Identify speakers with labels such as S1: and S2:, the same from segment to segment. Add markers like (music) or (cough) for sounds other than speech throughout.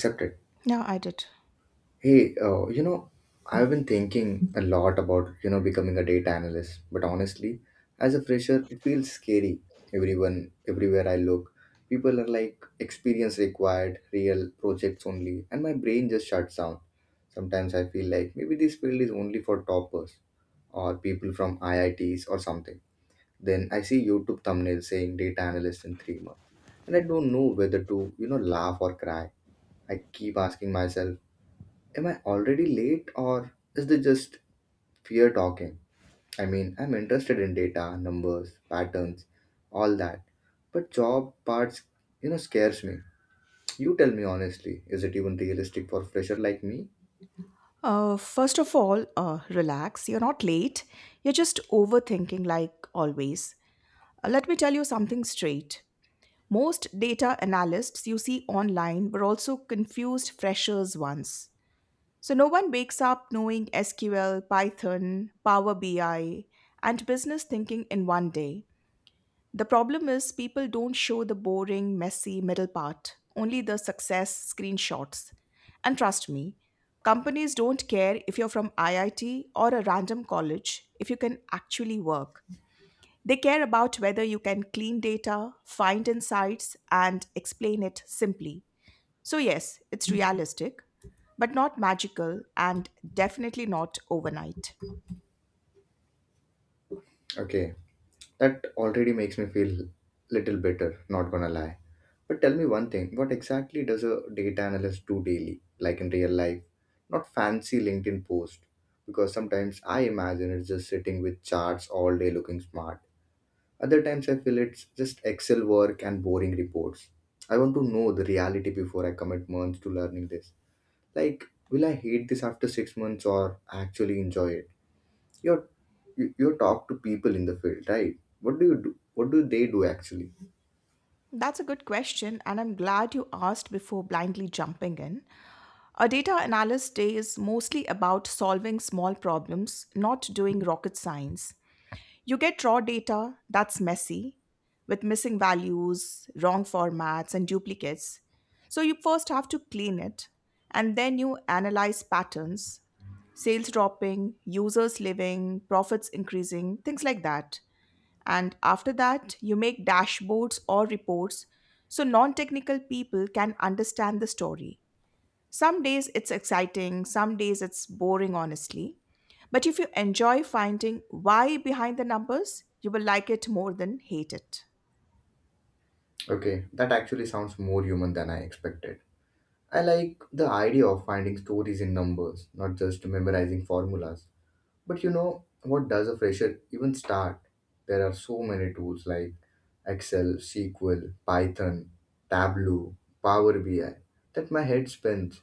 S1: Accepted.
S2: Yeah, I did.
S1: Hey, uh, you know I've been thinking a lot about becoming a data analyst, but honestly, as a fresher, it feels scary. Everyone Everywhere I look, people are like, experience required, real projects only, and my brain just shuts down. Sometimes I feel like maybe this field is only for toppers or people from IITs or something. Then I see YouTube thumbnails saying data analyst in 3 months, and I don't know whether to laugh or cry. I keep asking myself, am I already late, or is this just fear talking? I mean, I'm interested in data, numbers, patterns, all that. But job parts, scares me. You tell me honestly, is it even realistic for a fresher like me?
S2: First of all, relax. You're not late. You're just overthinking, like always. Let me tell you something straight. Most data analysts you see online were also confused freshers once. So no one wakes up knowing SQL, Python, Power BI, and business thinking in one day. The problem is people don't show the boring, messy middle part, only the success screenshots. And trust me, companies don't care if you're from IIT or a random college if you can actually work. They care about whether you can clean data, find insights, and explain it simply. So, yes, it's realistic, but not magical and definitely not overnight.
S1: Okay, that already makes me feel little better, not gonna lie. But tell me one thing, what exactly does a data analyst do daily, like in real life? Not fancy LinkedIn post, because sometimes I imagine it's just sitting with charts all day looking smart. Other times I feel it's just Excel work and boring reports. I want to know the reality before I commit months to learning this. Like, will I hate this after 6 months or actually enjoy it? You're you talk to people in the field, right? What do you do? What do they do actually?
S2: That's a good question, and I'm glad you asked before blindly jumping in. A data analyst day is mostly about solving small problems, not doing rocket science. You get raw data that's messy, with missing values, wrong formats, and duplicates. So you first have to clean it, and then you analyze patterns: sales dropping, users leaving, profits increasing, things like that. And after that, you make dashboards or reports so non technical people can understand the story. Some days it's exciting, some days it's boring, honestly. But if you enjoy finding why behind the numbers, you will like it more than hate it.
S1: Okay, that actually sounds more human than I expected. I like the idea of finding stories in numbers, not just memorizing formulas. But you know, what does a fresher even start? There are so many tools like Excel, SQL, Python, Tableau, Power BI, that my head spins.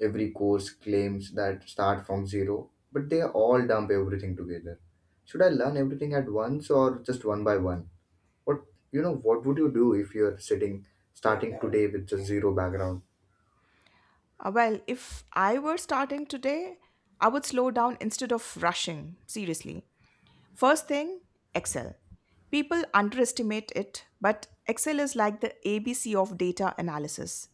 S1: Every course claims that start from zero, but they all dump everything together. Should I learn everything at once or just one by one? What what would you do if you're sitting starting today with just zero background?
S2: Well, if I were starting today, I would slow down instead of rushing, seriously. First thing, Excel. People underestimate it, but Excel is like the ABC of data analysis.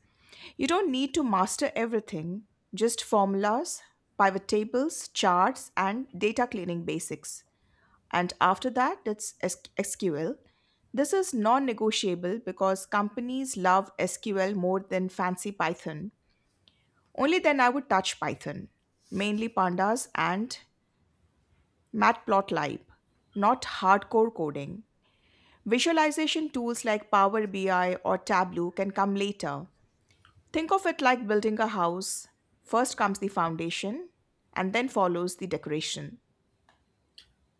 S2: You don't need to master everything, just formulas, pivot tables, charts, and data cleaning basics. And after that it's SQL. This is non-negotiable because companies love SQL more than fancy Python. Only then I would touch Python, mainly pandas and matplotlib, not hardcore coding. Visualization tools like Power BI or Tableau can come later. Think of it like building a house: first comes the foundation, and then follows the decoration.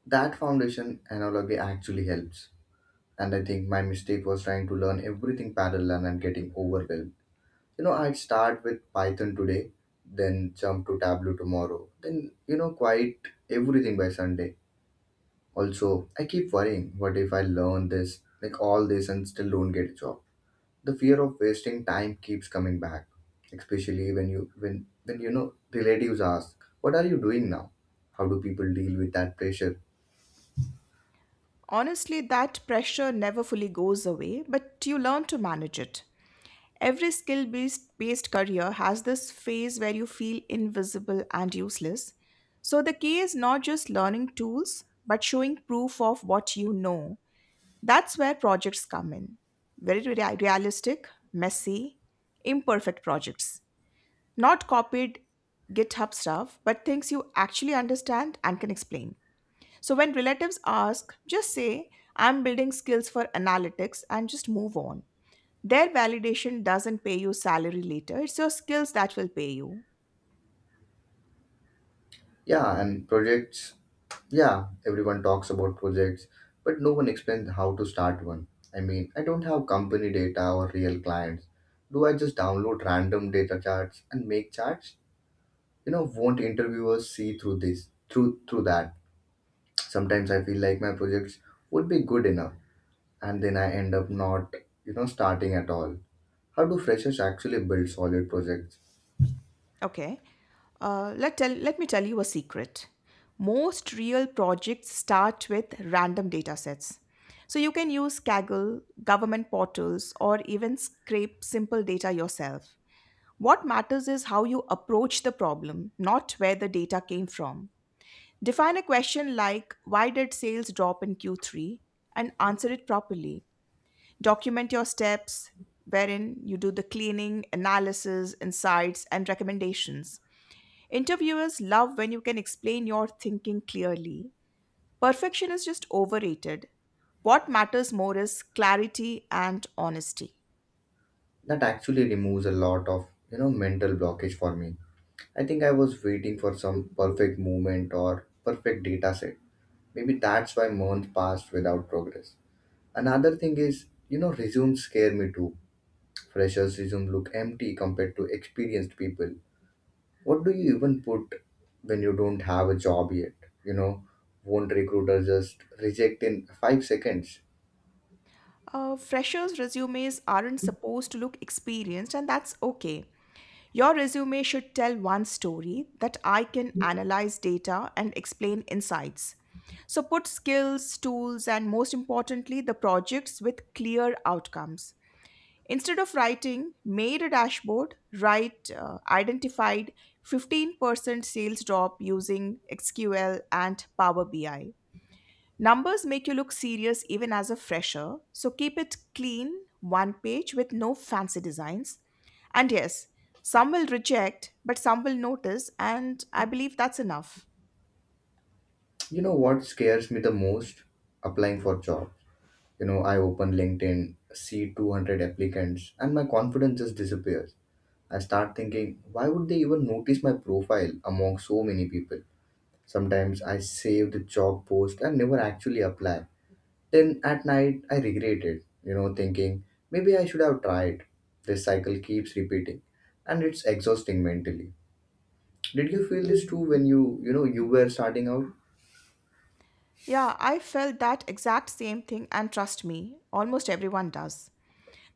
S1: That foundation analogy actually helps, and I think my mistake was trying to learn everything parallel and getting overwhelmed. You know, I'd start with Python today, then jump to Tableau tomorrow, then, quite everything by Sunday. Also, I keep worrying, what if I learn this, like all this, and still don't get a job? The fear of wasting time keeps coming back, especially when relatives ask, what are you doing now? How do people deal with that pressure?
S2: Honestly, that pressure never fully goes away, but you learn to manage it. Every skill based career has this phase where you feel invisible and useless. So the key is not just learning tools, but showing proof of what you know. That's where projects come in. Very realistic, messy, imperfect projects. Not copied GitHub stuff, but things you actually understand and can explain. So when relatives ask, just say, I'm building skills for analytics and just move on. Their validation doesn't pay you salary later, it's your skills that will pay you.
S1: Yeah, and projects Yeah, everyone talks about projects, but no one explains how to start one. I mean, I don't have company data or real clients. Do I just download random data charts and make charts? You know, won't interviewers see through this, through through that? Sometimes I feel like my projects would be good enough, and then I end up not, starting at all. How do freshers actually build solid projects?
S2: Okay. Let me tell you a secret. Most real projects start with random data sets. So you can use Kaggle, government portals, or even scrape simple data yourself. What matters is how you approach the problem, not where the data came from. Define a question like why did sales drop in Q3, and answer it properly. Document your steps wherein you do the cleaning, analysis, insights, and recommendations. Interviewers love when you can explain your thinking clearly. Perfection is just overrated. What matters more is clarity and honesty.
S1: That actually removes a lot of, mental blockage for me. I think I was waiting for some perfect moment or perfect data set. Maybe that's why months passed without progress. Another thing is, resumes scare me too. Freshers' resume look empty compared to experienced people. What do you even put when you don't have a job yet? You know, won't recruiter just reject in 5 seconds?
S2: Freshers' resumes aren't supposed to look experienced, and that's okay. Your resume should tell one story: that I can analyze data and explain insights. So put skills, tools, and most importantly, the projects with clear outcomes. Instead of writing, made a dashboard, write identified 15% sales drop using SQL and Power BI. Numbers make you look serious even as a fresher, so keep it clean, one page with no fancy designs. And yes, some will reject, but some will notice, and I believe that's enough.
S1: You know what scares me the most? Applying for jobs. You know, I open LinkedIn, see 200 applicants, and my confidence just disappears. I start thinking, why would they even notice my profile among so many people? Sometimes I save the job post and never actually apply. Then at night, I regret it, thinking, maybe I should have tried. This cycle keeps repeating, and it's exhausting mentally. Did you feel this too when you were starting out?
S2: Yeah, I felt that exact same thing, and trust me, almost everyone does.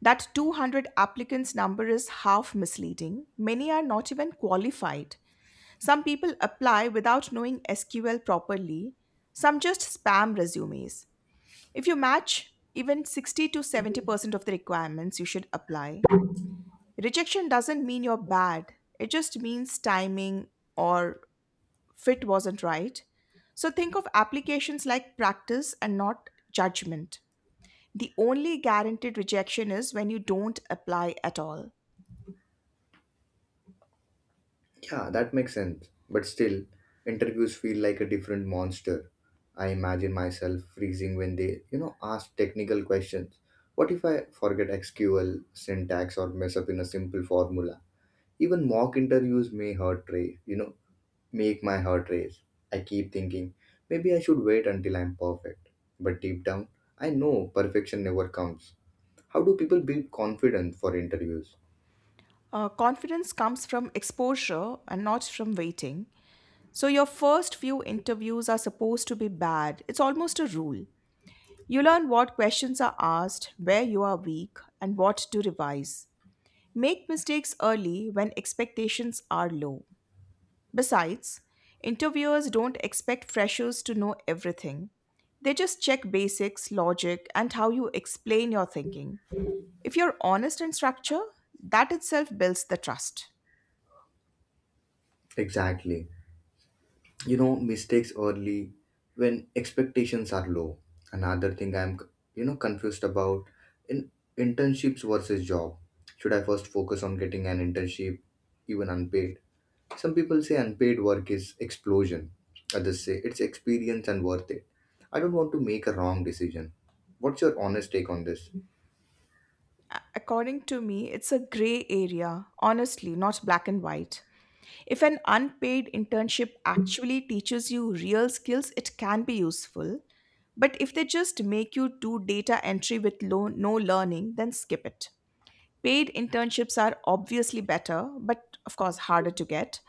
S2: That 200 applicants number is half misleading. Many are not even qualified. Some people apply without knowing SQL properly, some just spam resumes. If you match even 60 to 70% of the requirements, you should apply. Rejection doesn't mean you're bad, it just means timing or fit wasn't right. So think of applications like practice and not judgment. The only guaranteed rejection is when you don't apply at all.
S1: Yeah, that makes sense. But still, interviews feel like a different monster. I imagine myself freezing when they, ask technical questions. What if I forget SQL, syntax, or mess up in a simple formula? Even mock interviews may hurt race, you know, make my heart race. I keep thinking, maybe I should wait until I'm perfect. But deep down, I know perfection never comes. How do people build confidence for interviews?
S2: Confidence comes from exposure and not from waiting. So, your first few interviews are supposed to be bad. It's almost a rule. You learn what questions are asked, where you are weak, and what to revise. Make mistakes early when expectations are low. Besides, interviewers don't expect freshers to know everything. They just check basics, logic, and how you explain your thinking. If you're honest in structure, that itself builds the trust.
S1: Exactly. Mistakes early when expectations are low. Another thing I'm confused about, in internships versus job. Should I first focus on getting an internship, even unpaid? Some people say unpaid work is explosion, others say it's experience and worth it. I don't want to make a wrong decision. What's your honest take on this?
S2: According to me, it's a gray area, honestly, not black and white. If an unpaid internship actually teaches you real skills, it can be useful. But if they just make you do data entry with low, no learning, then skip it. Paid internships are obviously better, but of course harder to get.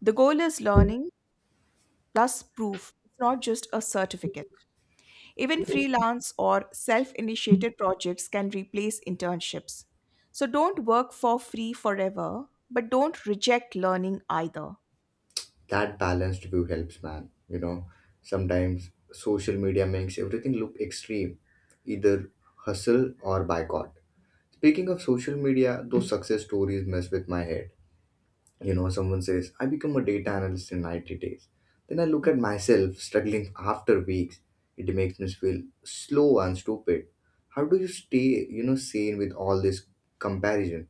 S2: The goal is learning plus proof, it's not just a certificate. Even freelance or self initiated projects can replace internships. So don't work for free forever, but don't reject learning either.
S1: That balanced view helps, man. Sometimes social media makes everything look extreme, either hustle or boycott. Speaking of social media, those success stories mess with my head. You know, someone says, I become a data analyst in 90 days. Then I look at myself struggling after weeks. It makes me feel slow and stupid. How do you stay, sane with all this comparison?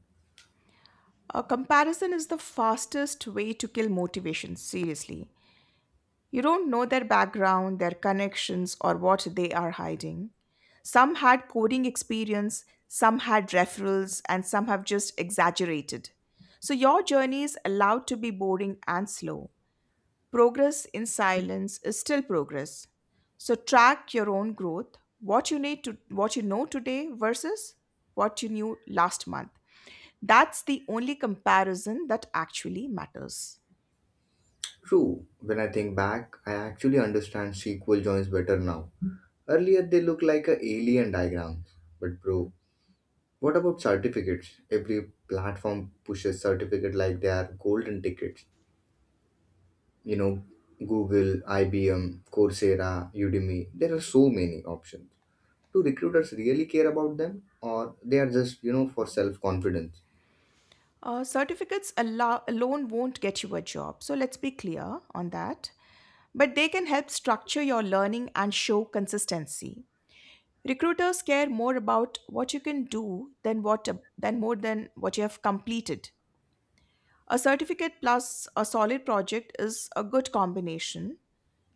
S2: A comparison is the fastest way to kill motivation, seriously. You don't know their background, their connections, or what they are hiding. Some had coding experience, some had referrals, and some have just exaggerated. So your journey is allowed to be boring and slow. Progress in silence is still progress. So track your own growth, what you know today versus what you knew last month. That's the only comparison that actually matters.
S1: True, when I think back, I actually understand SQL joins better now. Earlier, they look like a alien diagrams. But bro, what about certificates? Every platform pushes certificate like they are golden tickets. you know Google, IBM, Coursera, Udemy, there are so many options. Do recruiters really care about them, or they are just for self confidence?
S2: Certificates alone won't get you a job, so let's be clear on that. But they can help structure your learning and show consistency. Recruiters care more about what you can do than more than what you have completed. A certificate plus a solid project is a good combination.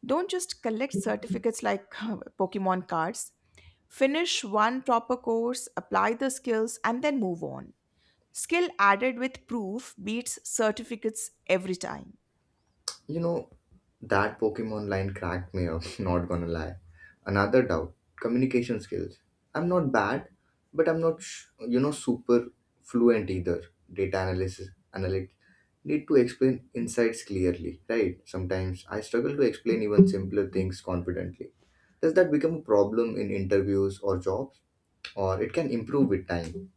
S2: Don't just collect certificates like (laughs) Pokemon cards. Finish one proper course, apply the skills, and then move on. Skill added with proof beats certificates every time.
S1: you know that Pokemon line cracked me up, (laughs) not gonna lie. Another doubt, communication skills. I'm not bad, but I'm not super fluent either. Data analysis analy- need to explain insights clearly, right? Sometimes I struggle to explain even simpler things confidently. Does that become a problem in interviews or jobs? Or it can improve with time.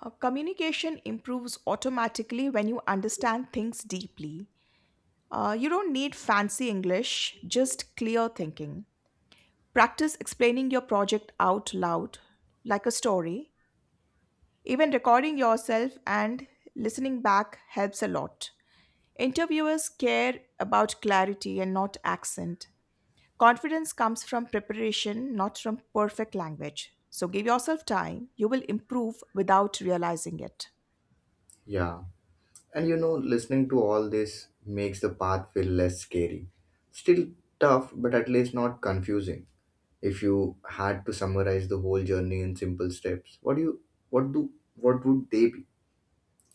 S2: Communication improves automatically when you understand things deeply. You don't need fancy English, just clear thinking. Practice explaining your project out loud, like a story. Even recording yourself and listening back helps a lot. Interviewers care about clarity and not accent. Confidence comes from preparation, not from perfect language. So give yourself time, you will improve without realizing it.
S1: Yeah. And you know, listening to all this makes the path feel less scary. Still tough, but at least not confusing. If you had to summarize the whole journey in simple steps, what do you what do what would they be?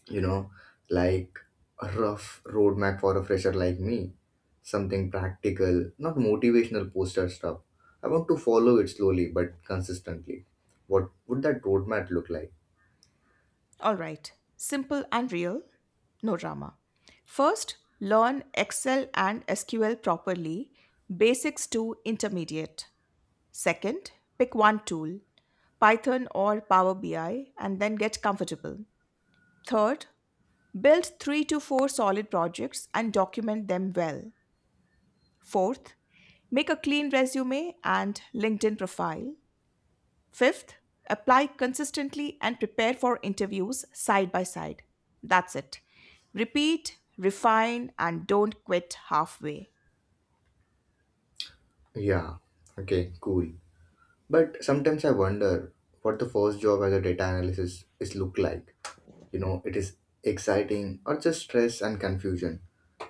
S1: You know, like a rough roadmap for a fresher like me. Something practical, not motivational poster stuff. I want to follow it slowly but consistently. What would that roadmap look like?
S2: All right, simple and real, no drama. First, learn Excel and SQL properly, basics to intermediate. Second, pick one tool, Python or Power BI, and then get comfortable. Third, build 3 to 4 solid projects and document them well. Fourth, make a clean resume and LinkedIn profile. Fifth, apply consistently and prepare for interviews side by side. That's it. Repeat, refine, and don't quit halfway.
S1: Yeah, okay, cool. But sometimes I wonder what the first job as a data analyst is look like. You know, it is exciting or just stress and confusion.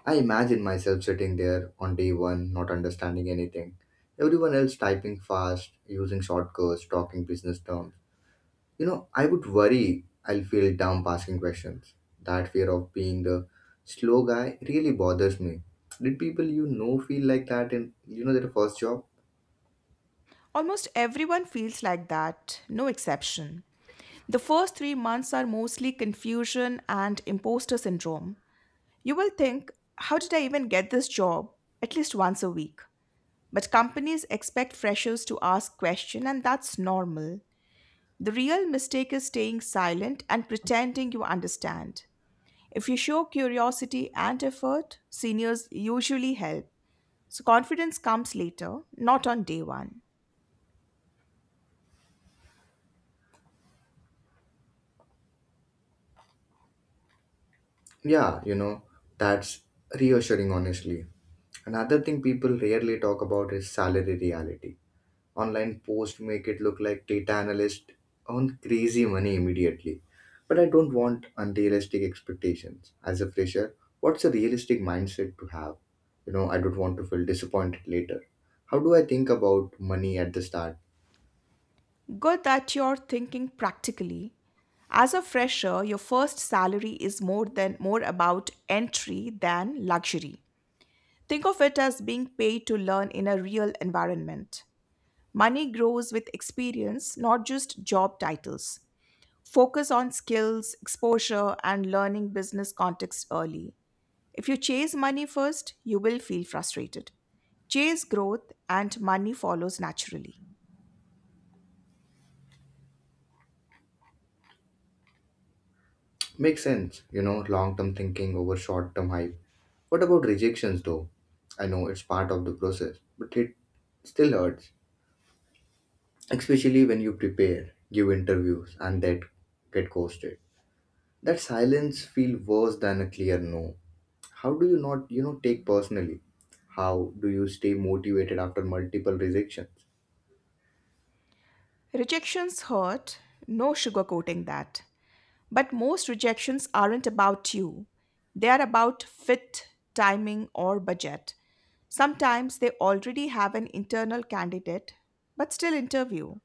S1: I imagine myself sitting there on day one, not understanding anything. Everyone else typing fast, using shortcuts, talking business terms. You know, I would worry I'll feel dumb asking questions. That fear of being the slow guy really bothers me. Did people feel like that in their first job?
S2: Almost everyone feels like that, no exception. The first 3 months are mostly confusion and imposter syndrome. You will think, how did I even get this job? At least once a week. But companies expect freshers to ask questions, and that's normal. The real mistake is staying silent and pretending you understand. If you show curiosity and effort, seniors usually help. So confidence comes later, not on day one.
S1: Yeah, you know, that's reassuring honestly. Another thing people rarely talk about is salary reality. Online post make it look like data analyst earn crazy money immediately. But I don't want unrealistic expectations. As a fresher, what's a realistic mindset to have? You know, I don't want to feel disappointed later. How do I think about money at the start?
S2: Good that you're thinking practically. As a fresher, your first salary is more about entry than luxury. Think of it as being paid to learn in a real environment. Money grows with experience, not just job titles. Focus on skills, exposure, and learning business context early. If you chase money first, you will feel frustrated. Chase growth, and money follows naturally.
S1: Makes sense, long term thinking over short term hype. What about rejections though? I know it's part of the process, but it still hurts, especially when you prepare, give interviews, and that get ghosted. That silence feel worse than a clear no. How do you not, take personally? How do you stay motivated after multiple rejections?
S2: Rejections hurt, no sugarcoating that. But most rejections aren't about you, they are about fit, timing, or budget. Sometimes they already have an internal candidate, but still interview.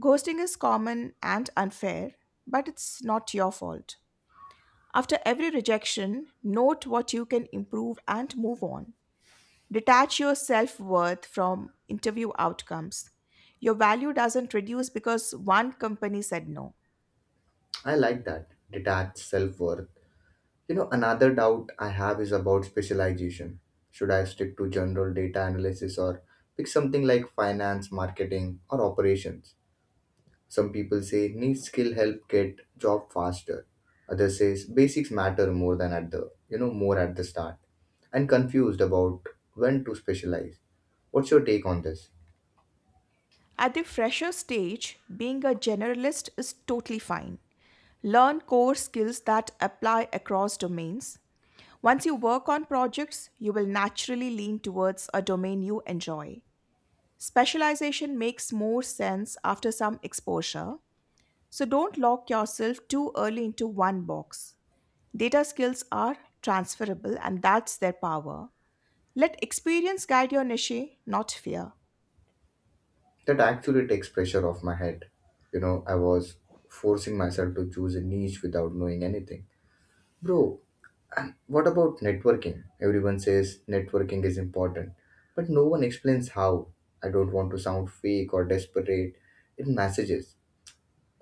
S2: Ghosting is common and unfair, but it's not your fault. After every rejection, note what you can improve and move on. Detach your self worth from interview outcomes. Your value doesn't reduce because one company said no.
S1: I like that, detached self-worth. Another doubt I have is about specialization. Should I stick to general data analysis, or pick something like finance marketing or operations? Some people say niche skill help get job faster. Others says basics matter more than at the you know more at the start. And confused about when to specialize. What's your take on this?
S2: At the fresher stage, being a generalist is totally fine. Learn core skills that apply across domains. Once you work on projects, you will naturally lean towards a domain you enjoy. Specialization makes more sense after some exposure. So don't lock yourself too early into one box. Data skills are transferable and that's their power. Let experience guide your niche, not fear.
S1: That actually takes pressure off my head. You know, I was forcing myself to choose a niche without knowing anything. Bro, and what about networking? Everyone says networking is important, but no one explains how. I don't want to sound fake or desperate in messages,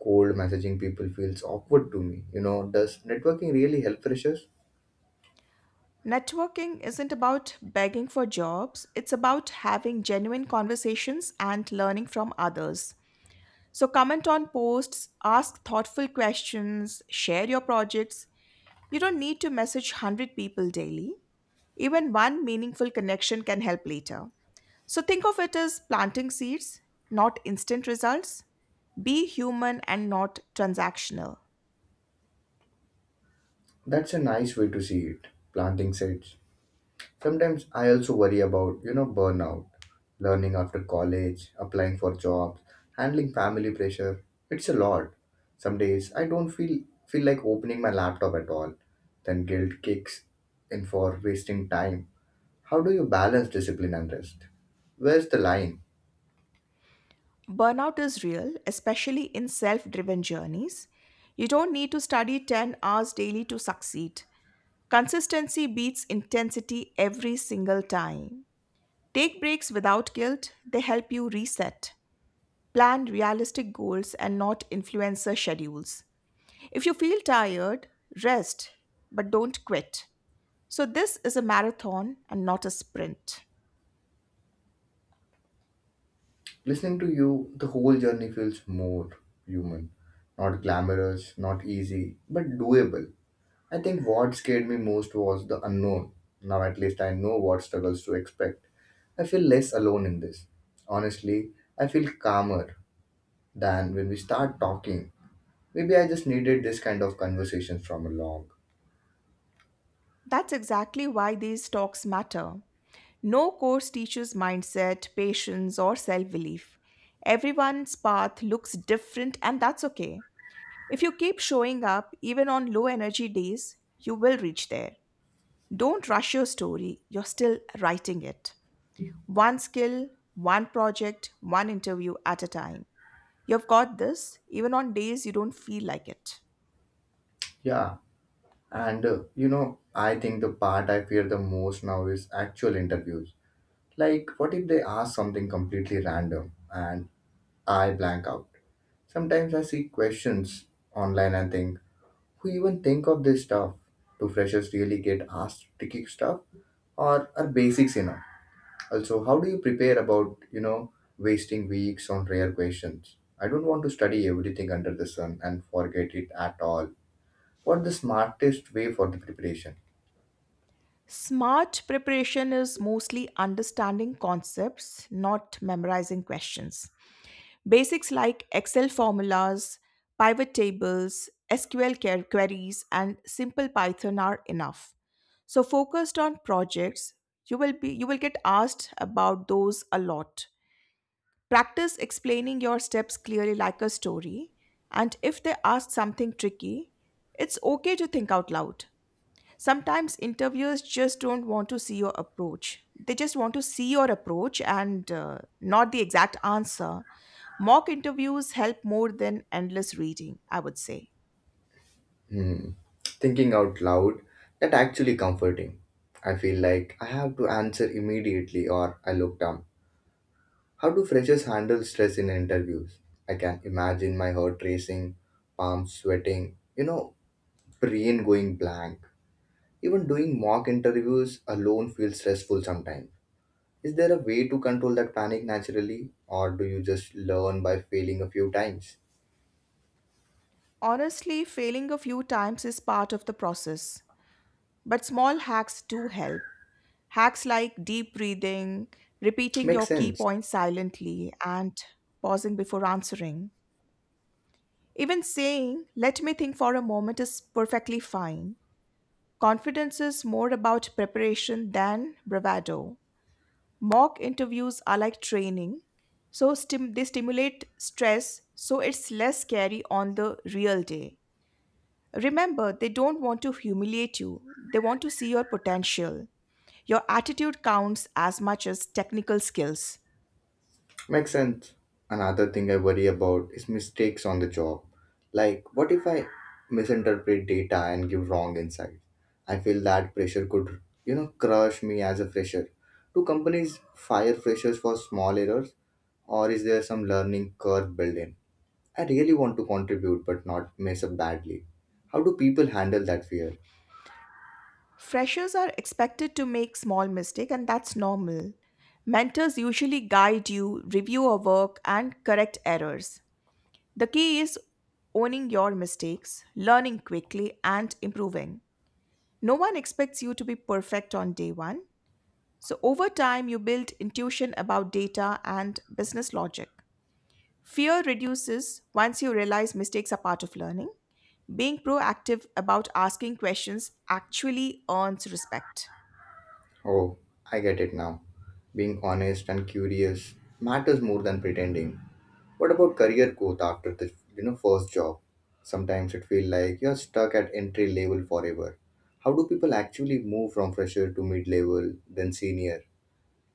S1: cold messaging people feels awkward to me. You know, does networking really help freshers?
S2: Networking isn't about begging for jobs, it's about having genuine conversations and learning from others. So, comment on posts, ask thoughtful questions, share your projects. You don't need to message 100 people daily. Even one meaningful connection can help later. So think of it as planting seeds, not instant results. Be human and not transactional.
S1: That's a nice way to see it. Planting seeds. Sometimes I also worry about, burnout, learning after college, applying for jobs, handling family pressure. It's a lot. Some days I don't feel like opening my laptop at all. Then guilt kicks in for wasting time. How do you balance discipline and rest? Where's the line?
S2: Burnout is real, especially in self driven journeys. You don't need to study 10 hours daily to succeed. Consistency beats intensity every single time. Take breaks without guilt, they help you reset. Plan realistic goals and not influencer schedules. If you feel tired, rest, but don't quit. So, this is a marathon and not a sprint.
S1: Listening to you, the whole journey feels more human. Not glamorous, not easy, but doable. I think what scared me most was the unknown. Now at least I know what struggles to expect. I feel less alone in this. Honestly, I feel calmer than when we start talking. Maybe I just needed this kind of conversation from along.
S2: That's exactly why these talks matter. No course teaches mindset, patience, or self belief. Everyone's path looks different, and that's okay. If you keep showing up, even on low energy days, you will reach there. Don't rush your story, you're still writing it. One skill, one project, one interview at a time. You've got this, even on days you don't feel like it.
S1: Yeah, and I think the part I fear the most now is actual interviews. Like, what if they ask something completely random and I blank out? Sometimes I see questions online and think, who even think of this stuff? Do freshers really get asked tricky stuff, or are basics enough? Also, how do you prepare about, wasting weeks on rare questions? I don't want to study everything under the sun and forget it at all. What the smartest way for the preparation?
S2: Smart preparation is mostly understanding concepts, not memorizing questions. Basics like Excel formulas, pivot tables, SQL queries, and simple Python are enough. So focused on projects, you will get asked about those a lot. Practice explaining your steps clearly like a story, and if they ask something tricky, it's okay to think out loud. Sometimes interviewers just don't want to see your approach. They just want to see your approach and not the exact answer. Mock interviews help more than endless reading, I would say.
S1: Hmm. Thinking out loud, that actually comforting. I feel like I have to answer immediately or I look down. How do freshers handle stress in interviews? I can imagine my heart racing, palms sweating, brain going blank. Even doing mock interviews alone feels stressful sometimes. Is there a way to control that panic naturally, or do you just learn by failing a few times?
S2: Honestly, failing a few times is part of the process, but small hacks do help. Hacks like deep breathing, repeating
S1: Makes
S2: your key
S1: sense.
S2: points silently, and pausing before answering. Even saying, let me think for a moment is perfectly fine. Confidence is more about preparation than bravado. Mock interviews are like training, so they stimulate stress, so it's less scary on the real day. Remember, they don't want to humiliate you, they want to see your potential. Your attitude counts as much as technical skills.
S1: Makes sense. Another thing I worry about is mistakes on the job. Like, what if I misinterpret data and give wrong insights? I feel that pressure could crush me as a fresher. Do companies fire freshers for small errors, or is there some learning curve built in? I really want to contribute but not mess up badly. How do people handle that fear?
S2: Freshers are expected to make small mistakes, and that's normal. Mentors usually guide you, review your work, and correct errors. The key is owning your mistakes, learning quickly, and improving. No one expects you to be perfect on day one. So, over time, you build intuition about data and business logic. Fear reduces once you realize mistakes are part of learning. Being proactive about asking questions actually earns respect.
S1: Oh, I get it now. Being honest and curious matters more than pretending. What about career growth after the first job? Sometimes it feels like you're stuck at entry level forever. How do people actually move from fresher to mid level, then senior?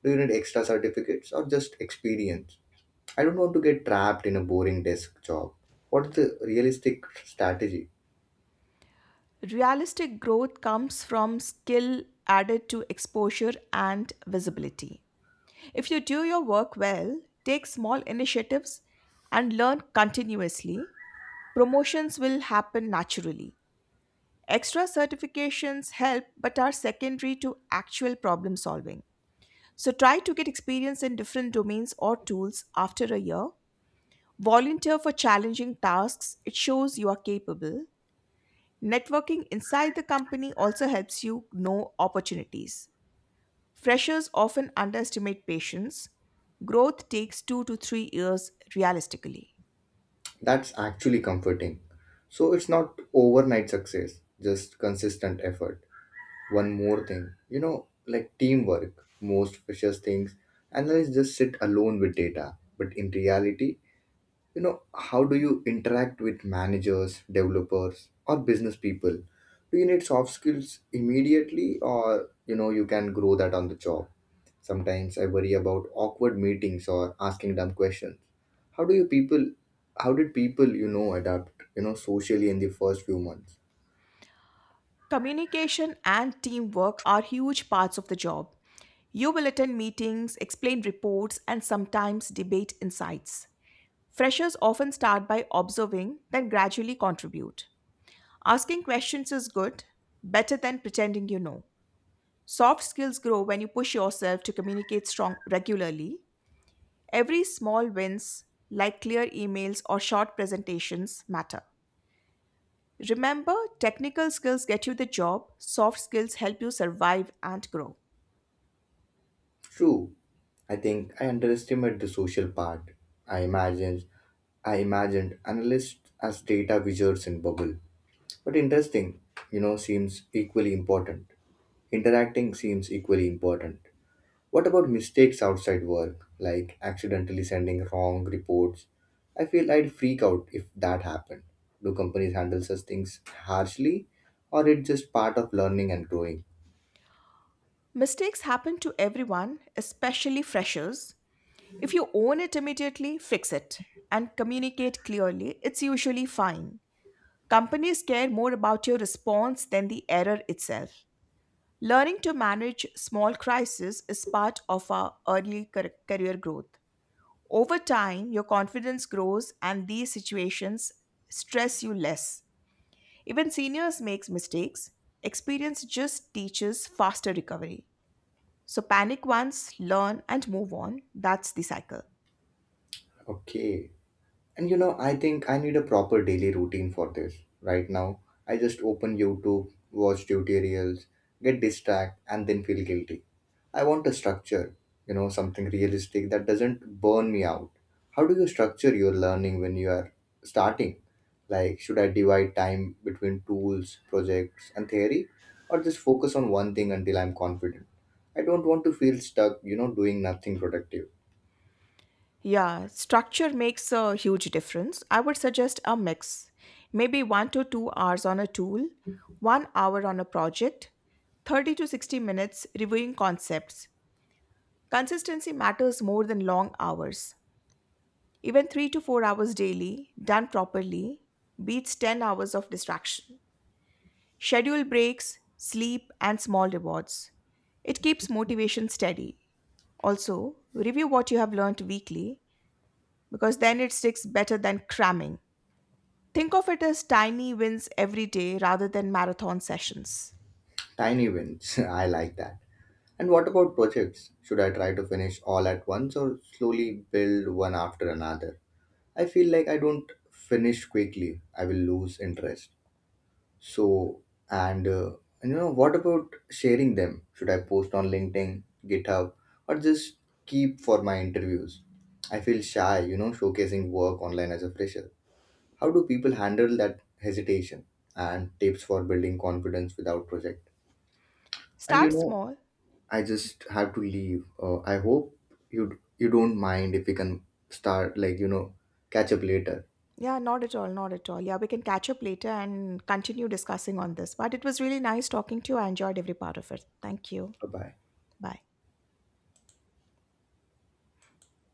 S1: Do you need extra certificates or just experience? I don't want to get trapped in a boring desk job. What's the realistic strategy?
S2: Realistic growth comes from skill added to exposure and visibility. If you do your work well, take small initiatives, and learn continuously, promotions will happen naturally. Extra certifications help but are secondary to actual problem solving. So try to get experience in different domains or tools after a year. Volunteer for challenging tasks, it shows you are capable. Networking inside the company also helps you know opportunities. Freshers often underestimate patience. Growth takes 2 to 3 years realistically.
S1: That's actually comforting. So it's not overnight success, just consistent effort. One more thing, like teamwork most precious things, analysts just sit alone with data, but in reality, you know how do you interact with managers, developers, or business people? Do you need soft skills immediately, or you can grow that on the job? Sometimes I worry about awkward meetings or asking dumb questions. how do you people how did people adapt, socially in the first few months?
S2: Communication and teamwork are huge parts of the job. You will attend meetings, explain reports, and sometimes debate insights. Freshers often start by observing, then gradually contribute. Asking questions is good, better than pretending you know. Soft skills grow when you push yourself to communicate strong regularly. Every small wins, like clear emails or short presentations, matter. Remember, technical skills get you the job, soft skills help you survive and grow.
S1: True, I think I underestimate the social part. I imagined I imagined analysts as data wizards in bubble. But interesting, seems equally important. Interacting seems equally important. What about mistakes outside work, like accidentally sending wrong reports? I feel I'd freak out if that happened. Do companies handle such things harshly, or it just part of learning and growing?
S2: Mistakes happen to everyone, especially freshers. If you own it immediately, fix it, and communicate clearly, it's usually fine. Companies care more about your response than the error itself. Learning to manage small crises is part of our early career growth. Over time, your confidence grows and these situations stress you less. Even seniors makes mistakes. Experience just teaches faster recovery. So panic once, learn and move on. That's the cycle.
S1: Okay. And I think I need a proper daily routine for this. Right now, I just open YouTube, watch tutorials, get distracted, and then feel guilty. I want a structure, something realistic that doesn't burn me out. How do you structure your learning when you are starting? Like, should I divide time between tools, projects, and theory, or just focus on one thing until I'm confident? I don't want to feel stuck, doing nothing productive.
S2: Yeah, structure makes a huge difference. I would suggest a mix. Maybe 1 to 2 hours on a tool, 1 hour on a project, 30 to 60 minutes reviewing concepts. Consistency matters more than long hours. Even 3 to 4 hours daily, done properly, beats 10 hours of distraction. Schedule breaks, sleep, and small rewards. It keeps motivation steady. Also, review what you have learned weekly because then it sticks better than cramming. Think of it as tiny wins every day rather than marathon sessions.
S1: Tiny wins. (laughs) I like that. And what about projects? Should I try to finish all at once or slowly build one after another? I feel like I don't finish quickly, I will lose interest. So, and uh, what about sharing them? Should I post on LinkedIn, GitHub, or just keep for my interviews? I feel shy, showcasing work online as a fresher. How do people handle that hesitation and tips for building confidence without project? And
S2: Start small.
S1: I just have to leave. I hope you don't mind if we can start like catch up later.
S2: Yeah, not at all, not at all. Yeah, we can catch up later and continue discussing on this. But it was really nice talking to you. I enjoyed every part of it. Thank you.
S1: Bye bye.
S2: Bye.